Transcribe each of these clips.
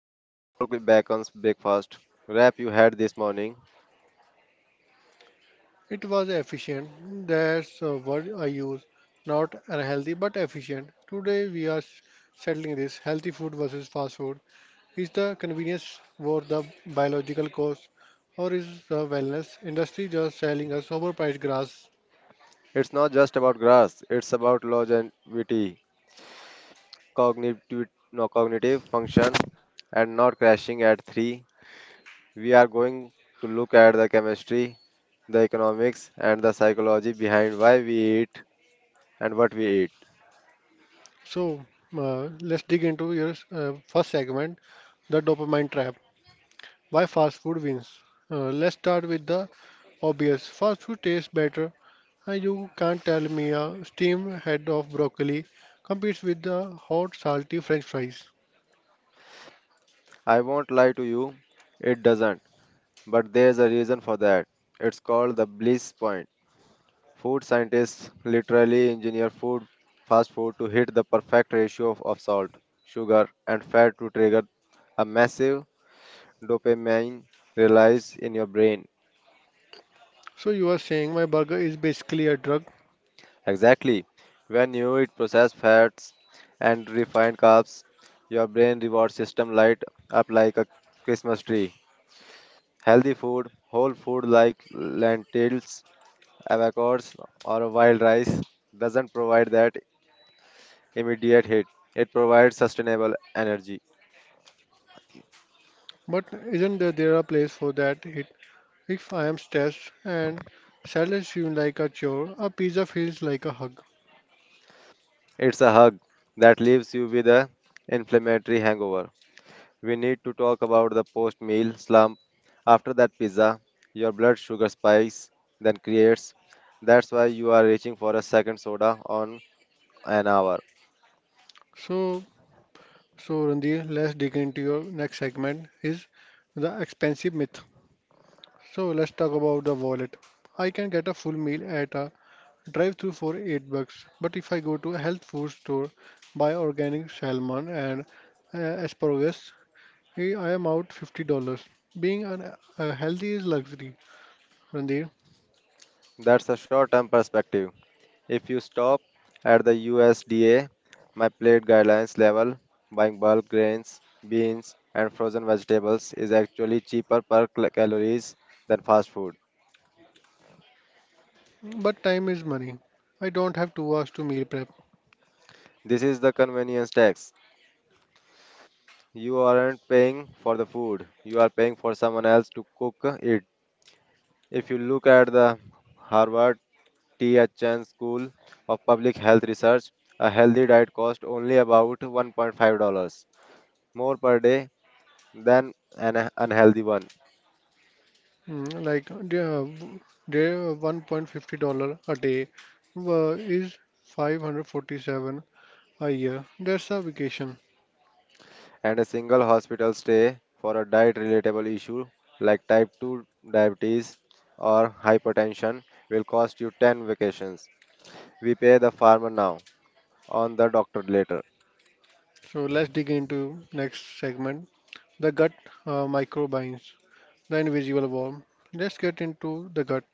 by the double bacon's breakfast wrap you had this morning. It was efficient. That's a word I use. Not unhealthy, but efficient. Today we are settling this healthy food versus fast food. Is the convenience worth the biological cost, or is the wellness industry just selling us overpriced grass? It's not just about grass, it's about longevity, cognitive, no, cognitive function, and not crashing at 3. We are going to look at the chemistry, the economics, and the psychology behind why we eat and what we eat. So let's dig into your first segment, the dopamine trap. Why fast food wins? Let's start with the obvious. Fast food tastes better. You can't tell me a steamed head of broccoli competes with the hot, salty French fries. I won't lie to you, it doesn't. But there's a reason for that. It's called the bliss point. Food scientists literally engineer food, fast food, to hit the perfect ratio of salt, sugar, and fat to trigger a massive dopamine release in your brain. So you are saying my burger is basically a drug? Exactly. When you eat processed fats and refined carbs, your brain reward system light up like a Christmas tree. Healthy food, whole food like lentils, Avocos or wild rice doesn't provide that immediate hit. It provides sustainable energy. But isn't there a place for that hit? If I am stressed and salad seems like a chore, a pizza feels like a hug. It's a hug that leaves you with a inflammatory hangover. We need to talk about the post meal slump. After that pizza, your blood sugar spikes, then creates. That's why you are reaching for a second soda on an hour. So So, Randhir, let's dig into your next segment is the expensive myth. So let's talk about the wallet. I can get a full meal at a drive-through for 8 bucks, but if I go to a health food store, buy organic salmon and uh, asparagus, I am out $50. Being healthy is luxury, Randhir, That's a short term perspective. If you stop at the USDA, my plate guidelines level, buying bulk grains, beans, and frozen vegetables is actually cheaper per calories than fast food. but time is money. I don't have 2 hours to meal prep. This is the convenience tax. You aren't paying for the food, you are paying for someone else to cook it. If you look at the Harvard T. H. Chan School of Public Health Research, a healthy diet costs only about $1.5 more per day than an unhealthy one. Like their $1.50 a day uh, is 547 a year. That's a vacation. And a single hospital stay for a diet relatable issue like type 2 diabetes or hypertension will cost you 10 vacations. We pay the farmer now, on the doctor later. So let's dig into next segment, the gut microbiomes, the invisible worm. Let's get into the gut.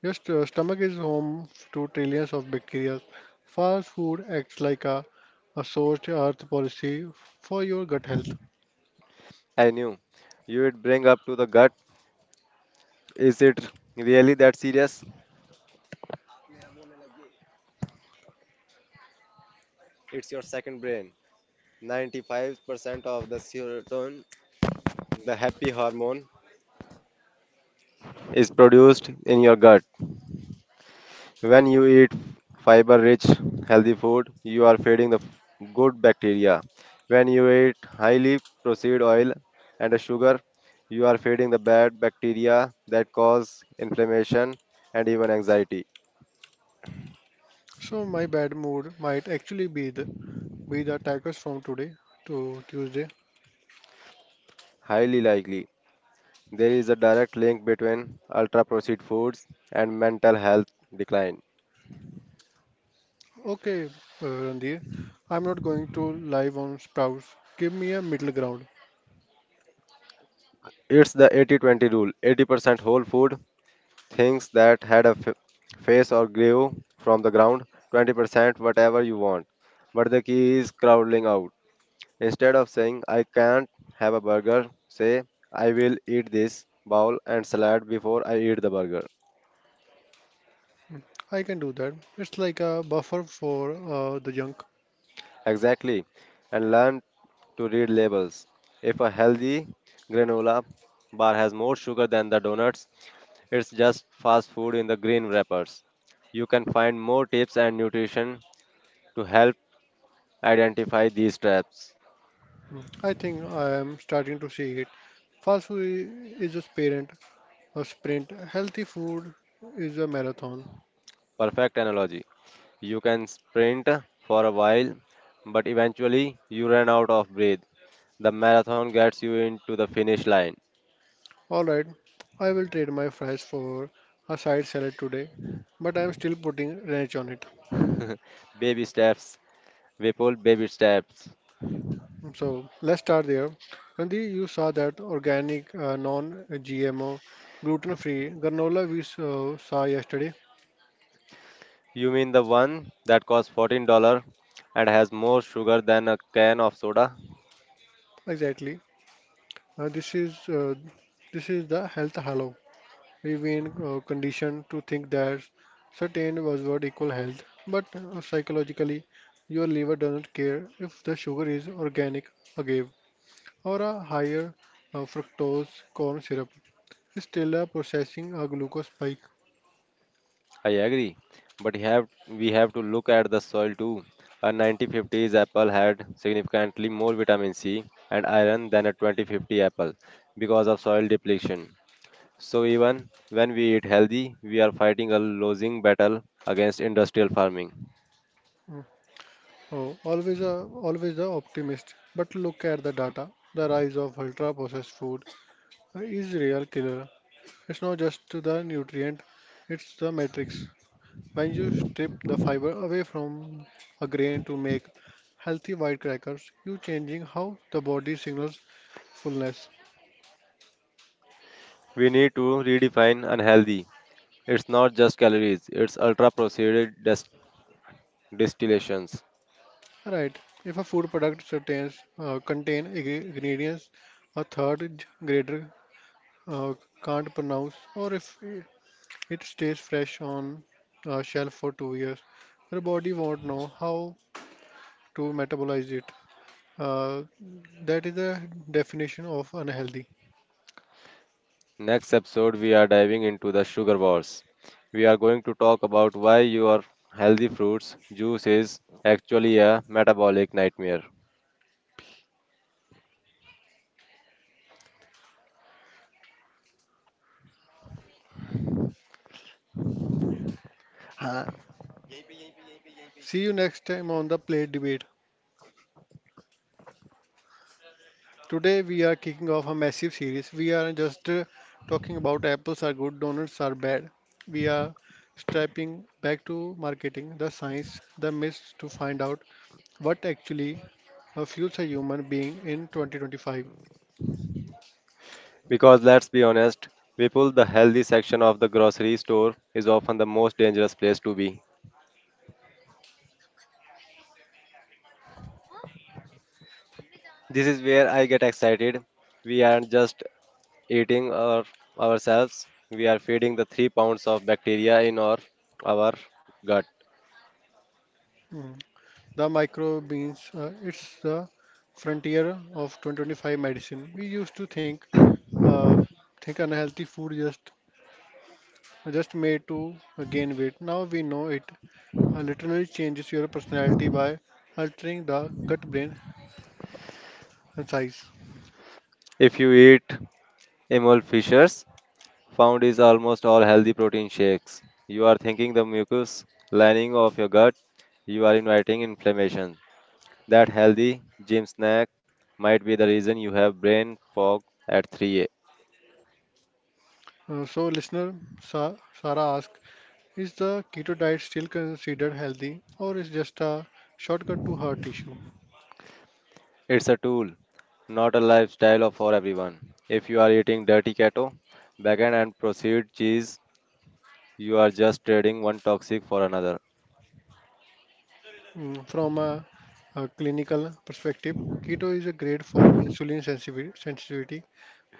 Your stomach is home to trillions of bacteria. Fast food acts like a source earth policy for your gut health. I knew you would bring up to the gut. Is it really that serious? It's your second brain. 95% of the serotonin, the happy hormone, is produced in your gut. So when you eat fiber rich, healthy food, you are feeding the good bacteria. When you eat highly processed oil and sugar, you are feeding the bad bacteria that cause inflammation and even anxiety. So my bad mood might actually be the attackers from today to Tuesday. Highly likely, there is a direct link between ultra processed foods and mental health decline. Okay, Randhir, I'm not going to live on Sprouts. Give me a middle ground. It's the 80-20 rule. 80% whole food, things that had a face or grew from the ground, 20% whatever you want. But the key is crowding out. Instead of saying, "I can't have a burger," say, "I will eat this bowl and salad before I eat the burger." I can do that. It's like a buffer for the junk. Exactly. And learn to read labels. If a healthy granola bar has more sugar than the donuts, it's just fast food in the green wrappers. You can find more tips and nutrition to help identify these traps. Mm. I think I am starting to see it. Fast food is a sprint. Healthy food is a marathon. Perfect analogy. You can sprint for a while, but eventually you run out of breath. The marathon gets you into the finish line. All right, I will trade my fries for a side salad today, but I am still putting ranch on it. Baby steps, Vipul, baby steps. So let's start there. Nandi, you saw that organic, non-GMO, gluten-free granola we saw yesterday. You mean the one that costs $14 and has more sugar than a can of soda? Exactly. This is the health halo. We've been conditioned to think that certain buzzword equal health, but psychologically, your liver doesn't care if the sugar is organic agave or a higher fructose corn syrup. It's still a processing a glucose spike. I agree, but have we have to look at the soil too. A 1950s apple had significantly more vitamin C and iron than a 2050 apple because of soil depletion. So even when we eat healthy, we are fighting a losing battle against industrial farming. Mm. Oh, always always the optimist. But look at the data. The rise of ultra-processed food is real killer. It's not just to the nutrient, it's the matrix. When you strip the fiber away from a grain to make healthy white crackers, you're changing how the body signals fullness. We need to redefine unhealthy. It's not just calories; it's ultra-processed distillations. Right. If a food product contains ingredients a third grader uh, can't pronounce, or if it stays fresh on a shelf for 2 years. Your body won't know how to metabolize it. Uh, that is the definition of unhealthy. Next episode, we are diving into the sugar wars. We are going to talk about why your healthy fruits juice is actually a metabolic nightmare. Uh, See you next time on the plate debate. Today we are kicking off a massive series. We are just talking about apples are good, donuts are bad. We are strapping back to marketing, the science, the myths to find out what actually fuels a human being in 2025. Because let's be honest, people, the healthy section of the grocery store is often the most dangerous place to be. This is where I get excited. We aren't just eating ourselves, we are feeding the 3 pounds of bacteria in our gut. Mm. The microbes, it's the frontier of 2025 medicine. We used to uh, think unhealthy food just made to gain weight. Now we know it literally changes your personality by altering the gut-brain size. If you eat Emil Fishers, found is almost all healthy protein shakes. You are thinking the mucus lining of your gut, you are inviting inflammation. That healthy gym snack might be the reason you have brain fog at 3 a. m. So, listener Sarah asks, is the keto diet still considered healthy, or is just a shortcut to heart issue? It's a tool, not a lifestyle for everyone. If you are eating dirty keto, bacon and processed cheese, you are just trading one toxic for another. From a clinical perspective, keto is a grade for insulin sensitivity,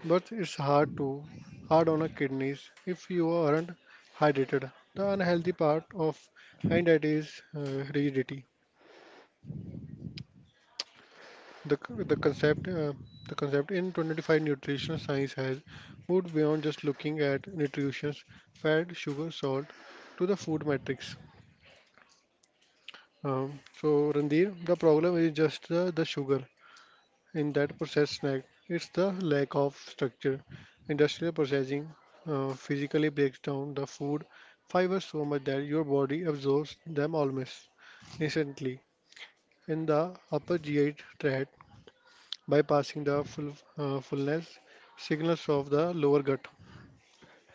but it's hard on the kidneys if you aren't hydrated. The unhealthy part of and that is rigidity. The c- the concept uh, the concept in 2025 nutritional science has moved beyond just looking at nutrition, fat, sugar, salt to the food matrix. So, Randir, the problem is just the sugar in that processed snack. It's the lack of structure. Industrial processing physically breaks down the food fibers so much that your body absorbs them almost instantly in the upper GI tract, bypassing the fullness signals of the lower gut.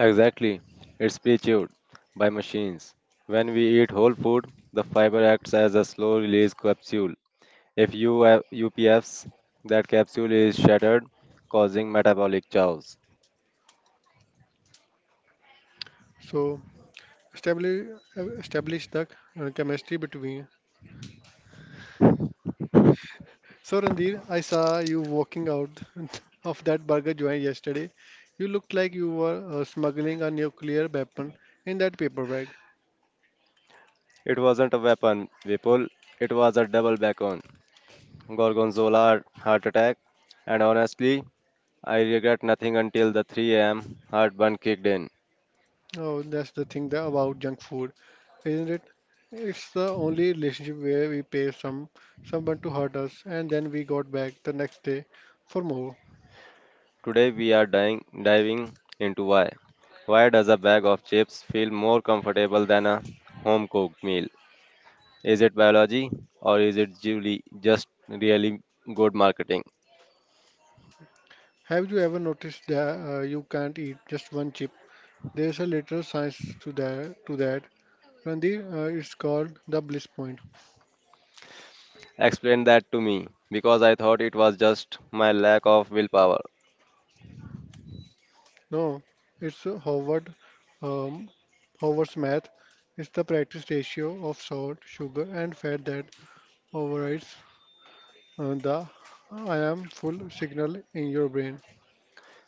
Exactly. It's pre-chewed by machines. When we eat whole food, the fiber acts as a slow release capsule. If UF UPF's that capsule is shattered, causing metabolic chaos. So, establish, establish the chemistry between So, Randir, I saw you walking out of that burger joint yesterday. You looked like you were smuggling a nuclear weapon in that paper bag. It wasn't a weapon, Vipul. It was a double backbone. Gorgonzola heart attack. And honestly, I regret nothing until the 3 a.m. heartburn kicked in. Oh, that's the thing that about junk food, isn't it? It's the only relationship where we pay someone to hurt us, and then we got back the next day for more. Today we are diving into why. Why does a bag of chips feel more comfortable than a home cooked meal? Is it biology or is it really just really good marketing? Have you ever noticed that you can't eat just one chip? There's a literal science to that. Randir, it's called the bliss point. Explained that to me because I thought it was just my lack of willpower. No, it's um, Howard's math. It's the practice ratio of salt, sugar, and fat that overrides the I am full signal in your brain.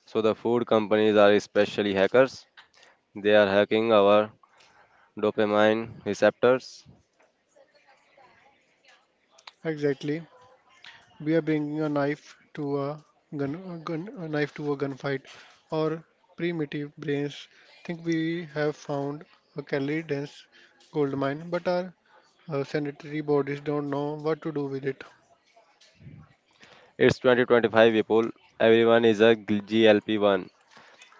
So the food companies are especially hackers. They are hacking our dopamine receptors. Exactly. We are bringing a knife to a gunfight. Our primitive brains think we have found a calorie dense gold mine, but our sanitary bodies don't know what to do with it. It's 2025 people. Everyone is a GLP-1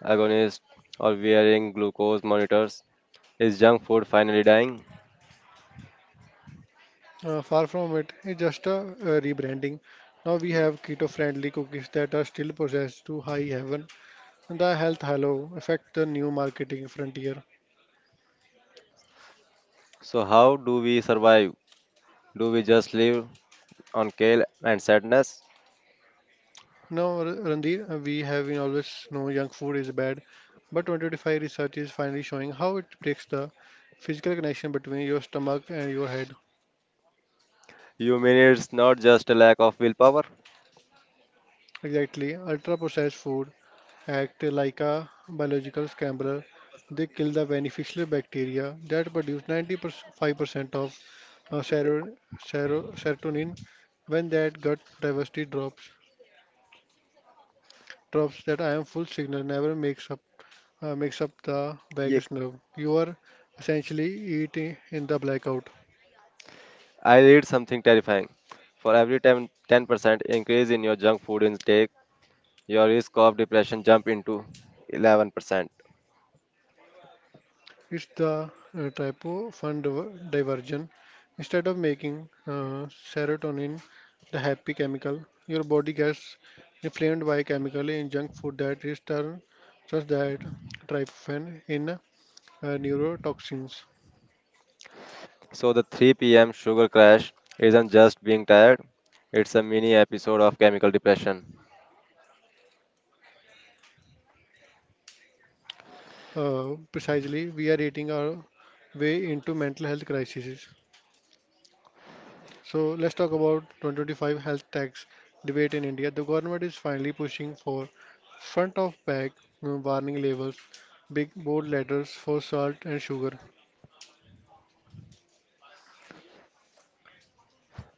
agonist or wearing glucose monitors. Is junk food finally dying? Far from it, it's just a rebranding. Now we have keto-friendly cookies that are still processed to high heaven, and the health halo affect the new marketing frontier. So how do we survive? Do we just live on kale and sadness? Now, Randir, we have been always know junk food is bad, but 2025 research is finally showing how it breaks the physical connection between your stomach and your head. You mean it's not just a lack of willpower? Exactly, ultra-processed food act like a biological scrambler. They kill the beneficial bacteria that produce 95% of uh, sero- serotonin. When that gut diversity drops that I am full signal never makes up the Yeah, vagus nerve. You are essentially eating in the blackout. I read something terrifying. For every 10% increase in your junk food intake, your risk of depression jump into 11%. It's the typo diversion. Instead of making serotonin, the happy chemical, your body gets inflamed by chemical in junk food that is turned just that tryptophan in neurotoxins. So the 3 p.m. sugar crash isn't just being tired, it's a mini episode of chemical depression. Precisely, we are eating our way into mental health crises. So let's talk about 2025 health tax debate in India. The government is finally pushing for front of bag warning labels, big bold letters for salt and sugar.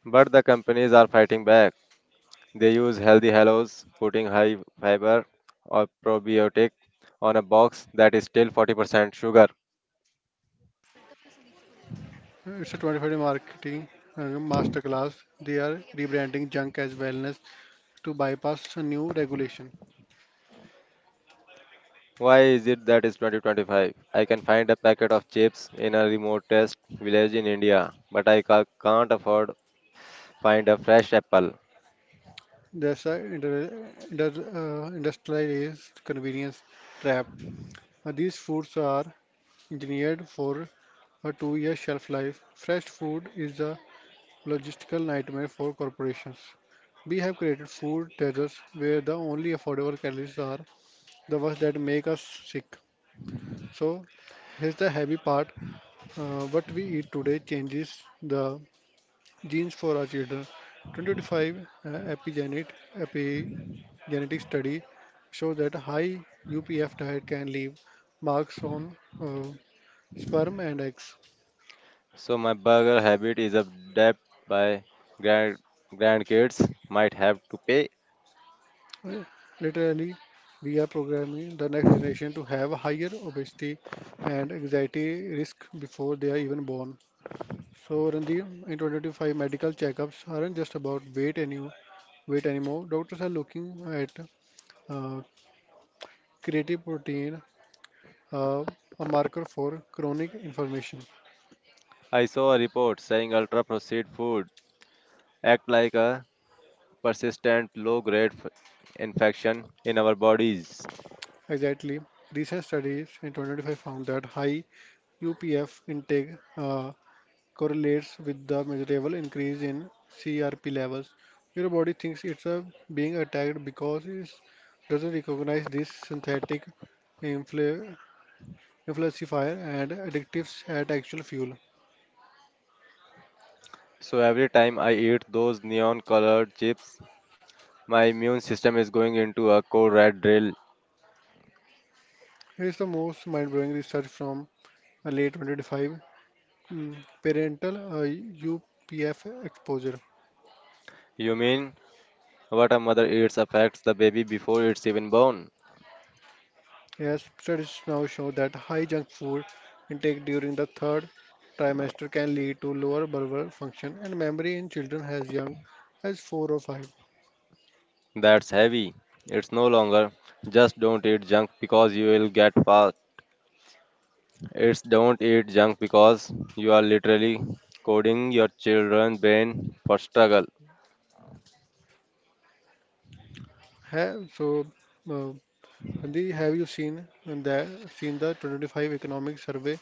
But the companies are fighting back. They use healthy hellos, putting high fiber or probiotic on a box that is still 40% sugar. It's a 25-day marketing uh, masterclass. They are rebranding junk as wellness to bypass a new regulation. Why is it that it's 2025? I can find a packet of chips in a remotest village in India, but I can't afford find a fresh apple. There's a industrialized convenience trap. These foods are engineered for a 2 year shelf life. Fresh food is a logistical nightmare for corporations. We have created food deserts where the only affordable calories are the ones that make us sick. So, here's the heavy part. What we eat today changes the genes for our children. 2025 epigenet, epigenetic study shows that high UPF diet can leave marks on sperm and eggs. So my burger habit is a debt by grand grandkids might have to pay. Uh, Literally, we are programming the next generation to have higher obesity and anxiety risk before they are even born. So, Randeep, in 2025, medical checkups aren't just about weight anymore. Doctors are looking at uh, creative protein, uh, a marker for chronic inflammation. I saw a report saying ultra processed food act like a persistent low grade infection in our bodies. Exactly. Recent studies in 2025 found that high UPF intake uh, correlates with the measurable increase in CRP levels. Your body thinks it's being attacked because it doesn't recognize this synthetic infl- inflacifier and addictives at actual fuel. So every time I eat those neon colored chips, my immune system is going into a code red drill. Here's the most mind-blowing research from late 2025 mm, parental UPF exposure. You mean, what a mother eats affects the baby before it's even born. Yes, studies now show that high junk food intake during the third trimester can lead to lower bulbar function and memory in children as young as four or five. That's heavy. It's no longer just don't eat junk because you will get fat. It's don't eat junk because you are literally coding your children's brain for struggle. So, uh, Nandi, have you seen the 2025 economic survey?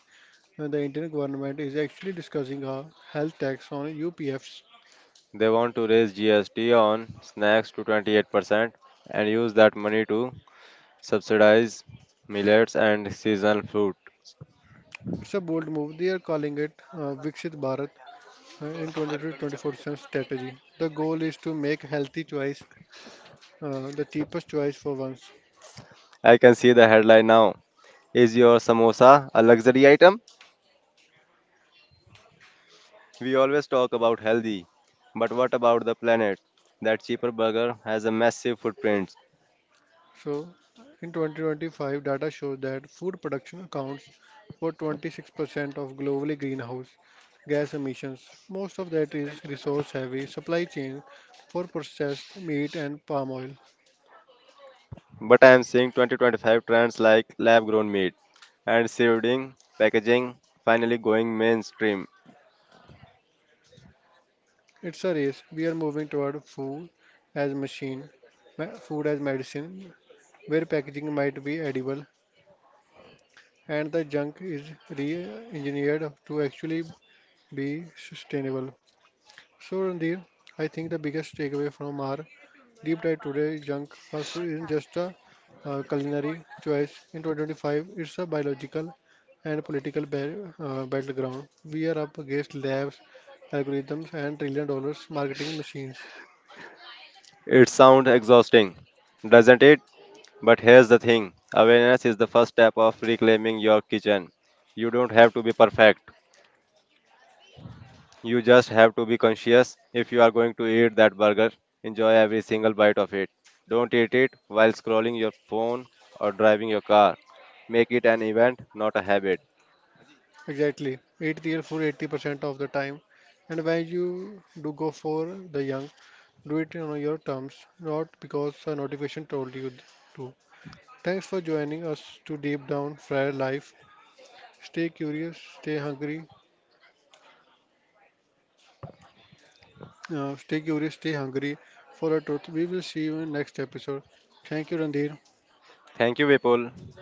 The Indian government is actually discussing a health tax on UPFs. They want to raise GST on snacks to 28% and use that money to subsidize millets and seasonal fruit. It's a bold move. They are calling it Viksit Bharat in 2024 strategy. The goal is to make healthy choice the cheapest choice for once. I can see the headline now. Is your samosa a luxury item? We always talk about healthy, but what about the planet? That cheaper burger has a massive footprint. So, in 2025, data shows that food production accounts for 26% of globally greenhouse gas emissions. Most of that is resource-heavy supply chain for processed meat and palm oil. But I am seeing 2025 trends like lab grown meat and shielding packaging finally going mainstream. It's a race. We are moving toward food as machine, as medicine, where packaging might be edible and the junk is re-engineered to actually be sustainable. So, Randir, I think the biggest takeaway from our deep dive today, junk fast food isn't just a culinary choice. In 2025, it's a biological and political battleground. We are up against labs, algorithms, and trillion dollars marketing machines. It sounds exhausting, doesn't it? But here's the thing, awareness is the first step of reclaiming your kitchen. You don't have to be perfect. You just have to be conscious if you are going to eat that burger. Enjoy every single bite of it. Don't eat it while scrolling your phone or driving your car. Make it an event, not a habit. Exactly. Eat real food 80% of the time. And when you do go for the young, do it on your terms, not because a notification told you to. Thanks for joining us to deep down Friar Life. Stay curious, stay hungry, stay curious, stay hungry for our truth. We will see you in next episode. Thank you, Randhir. Thank you, Vipul.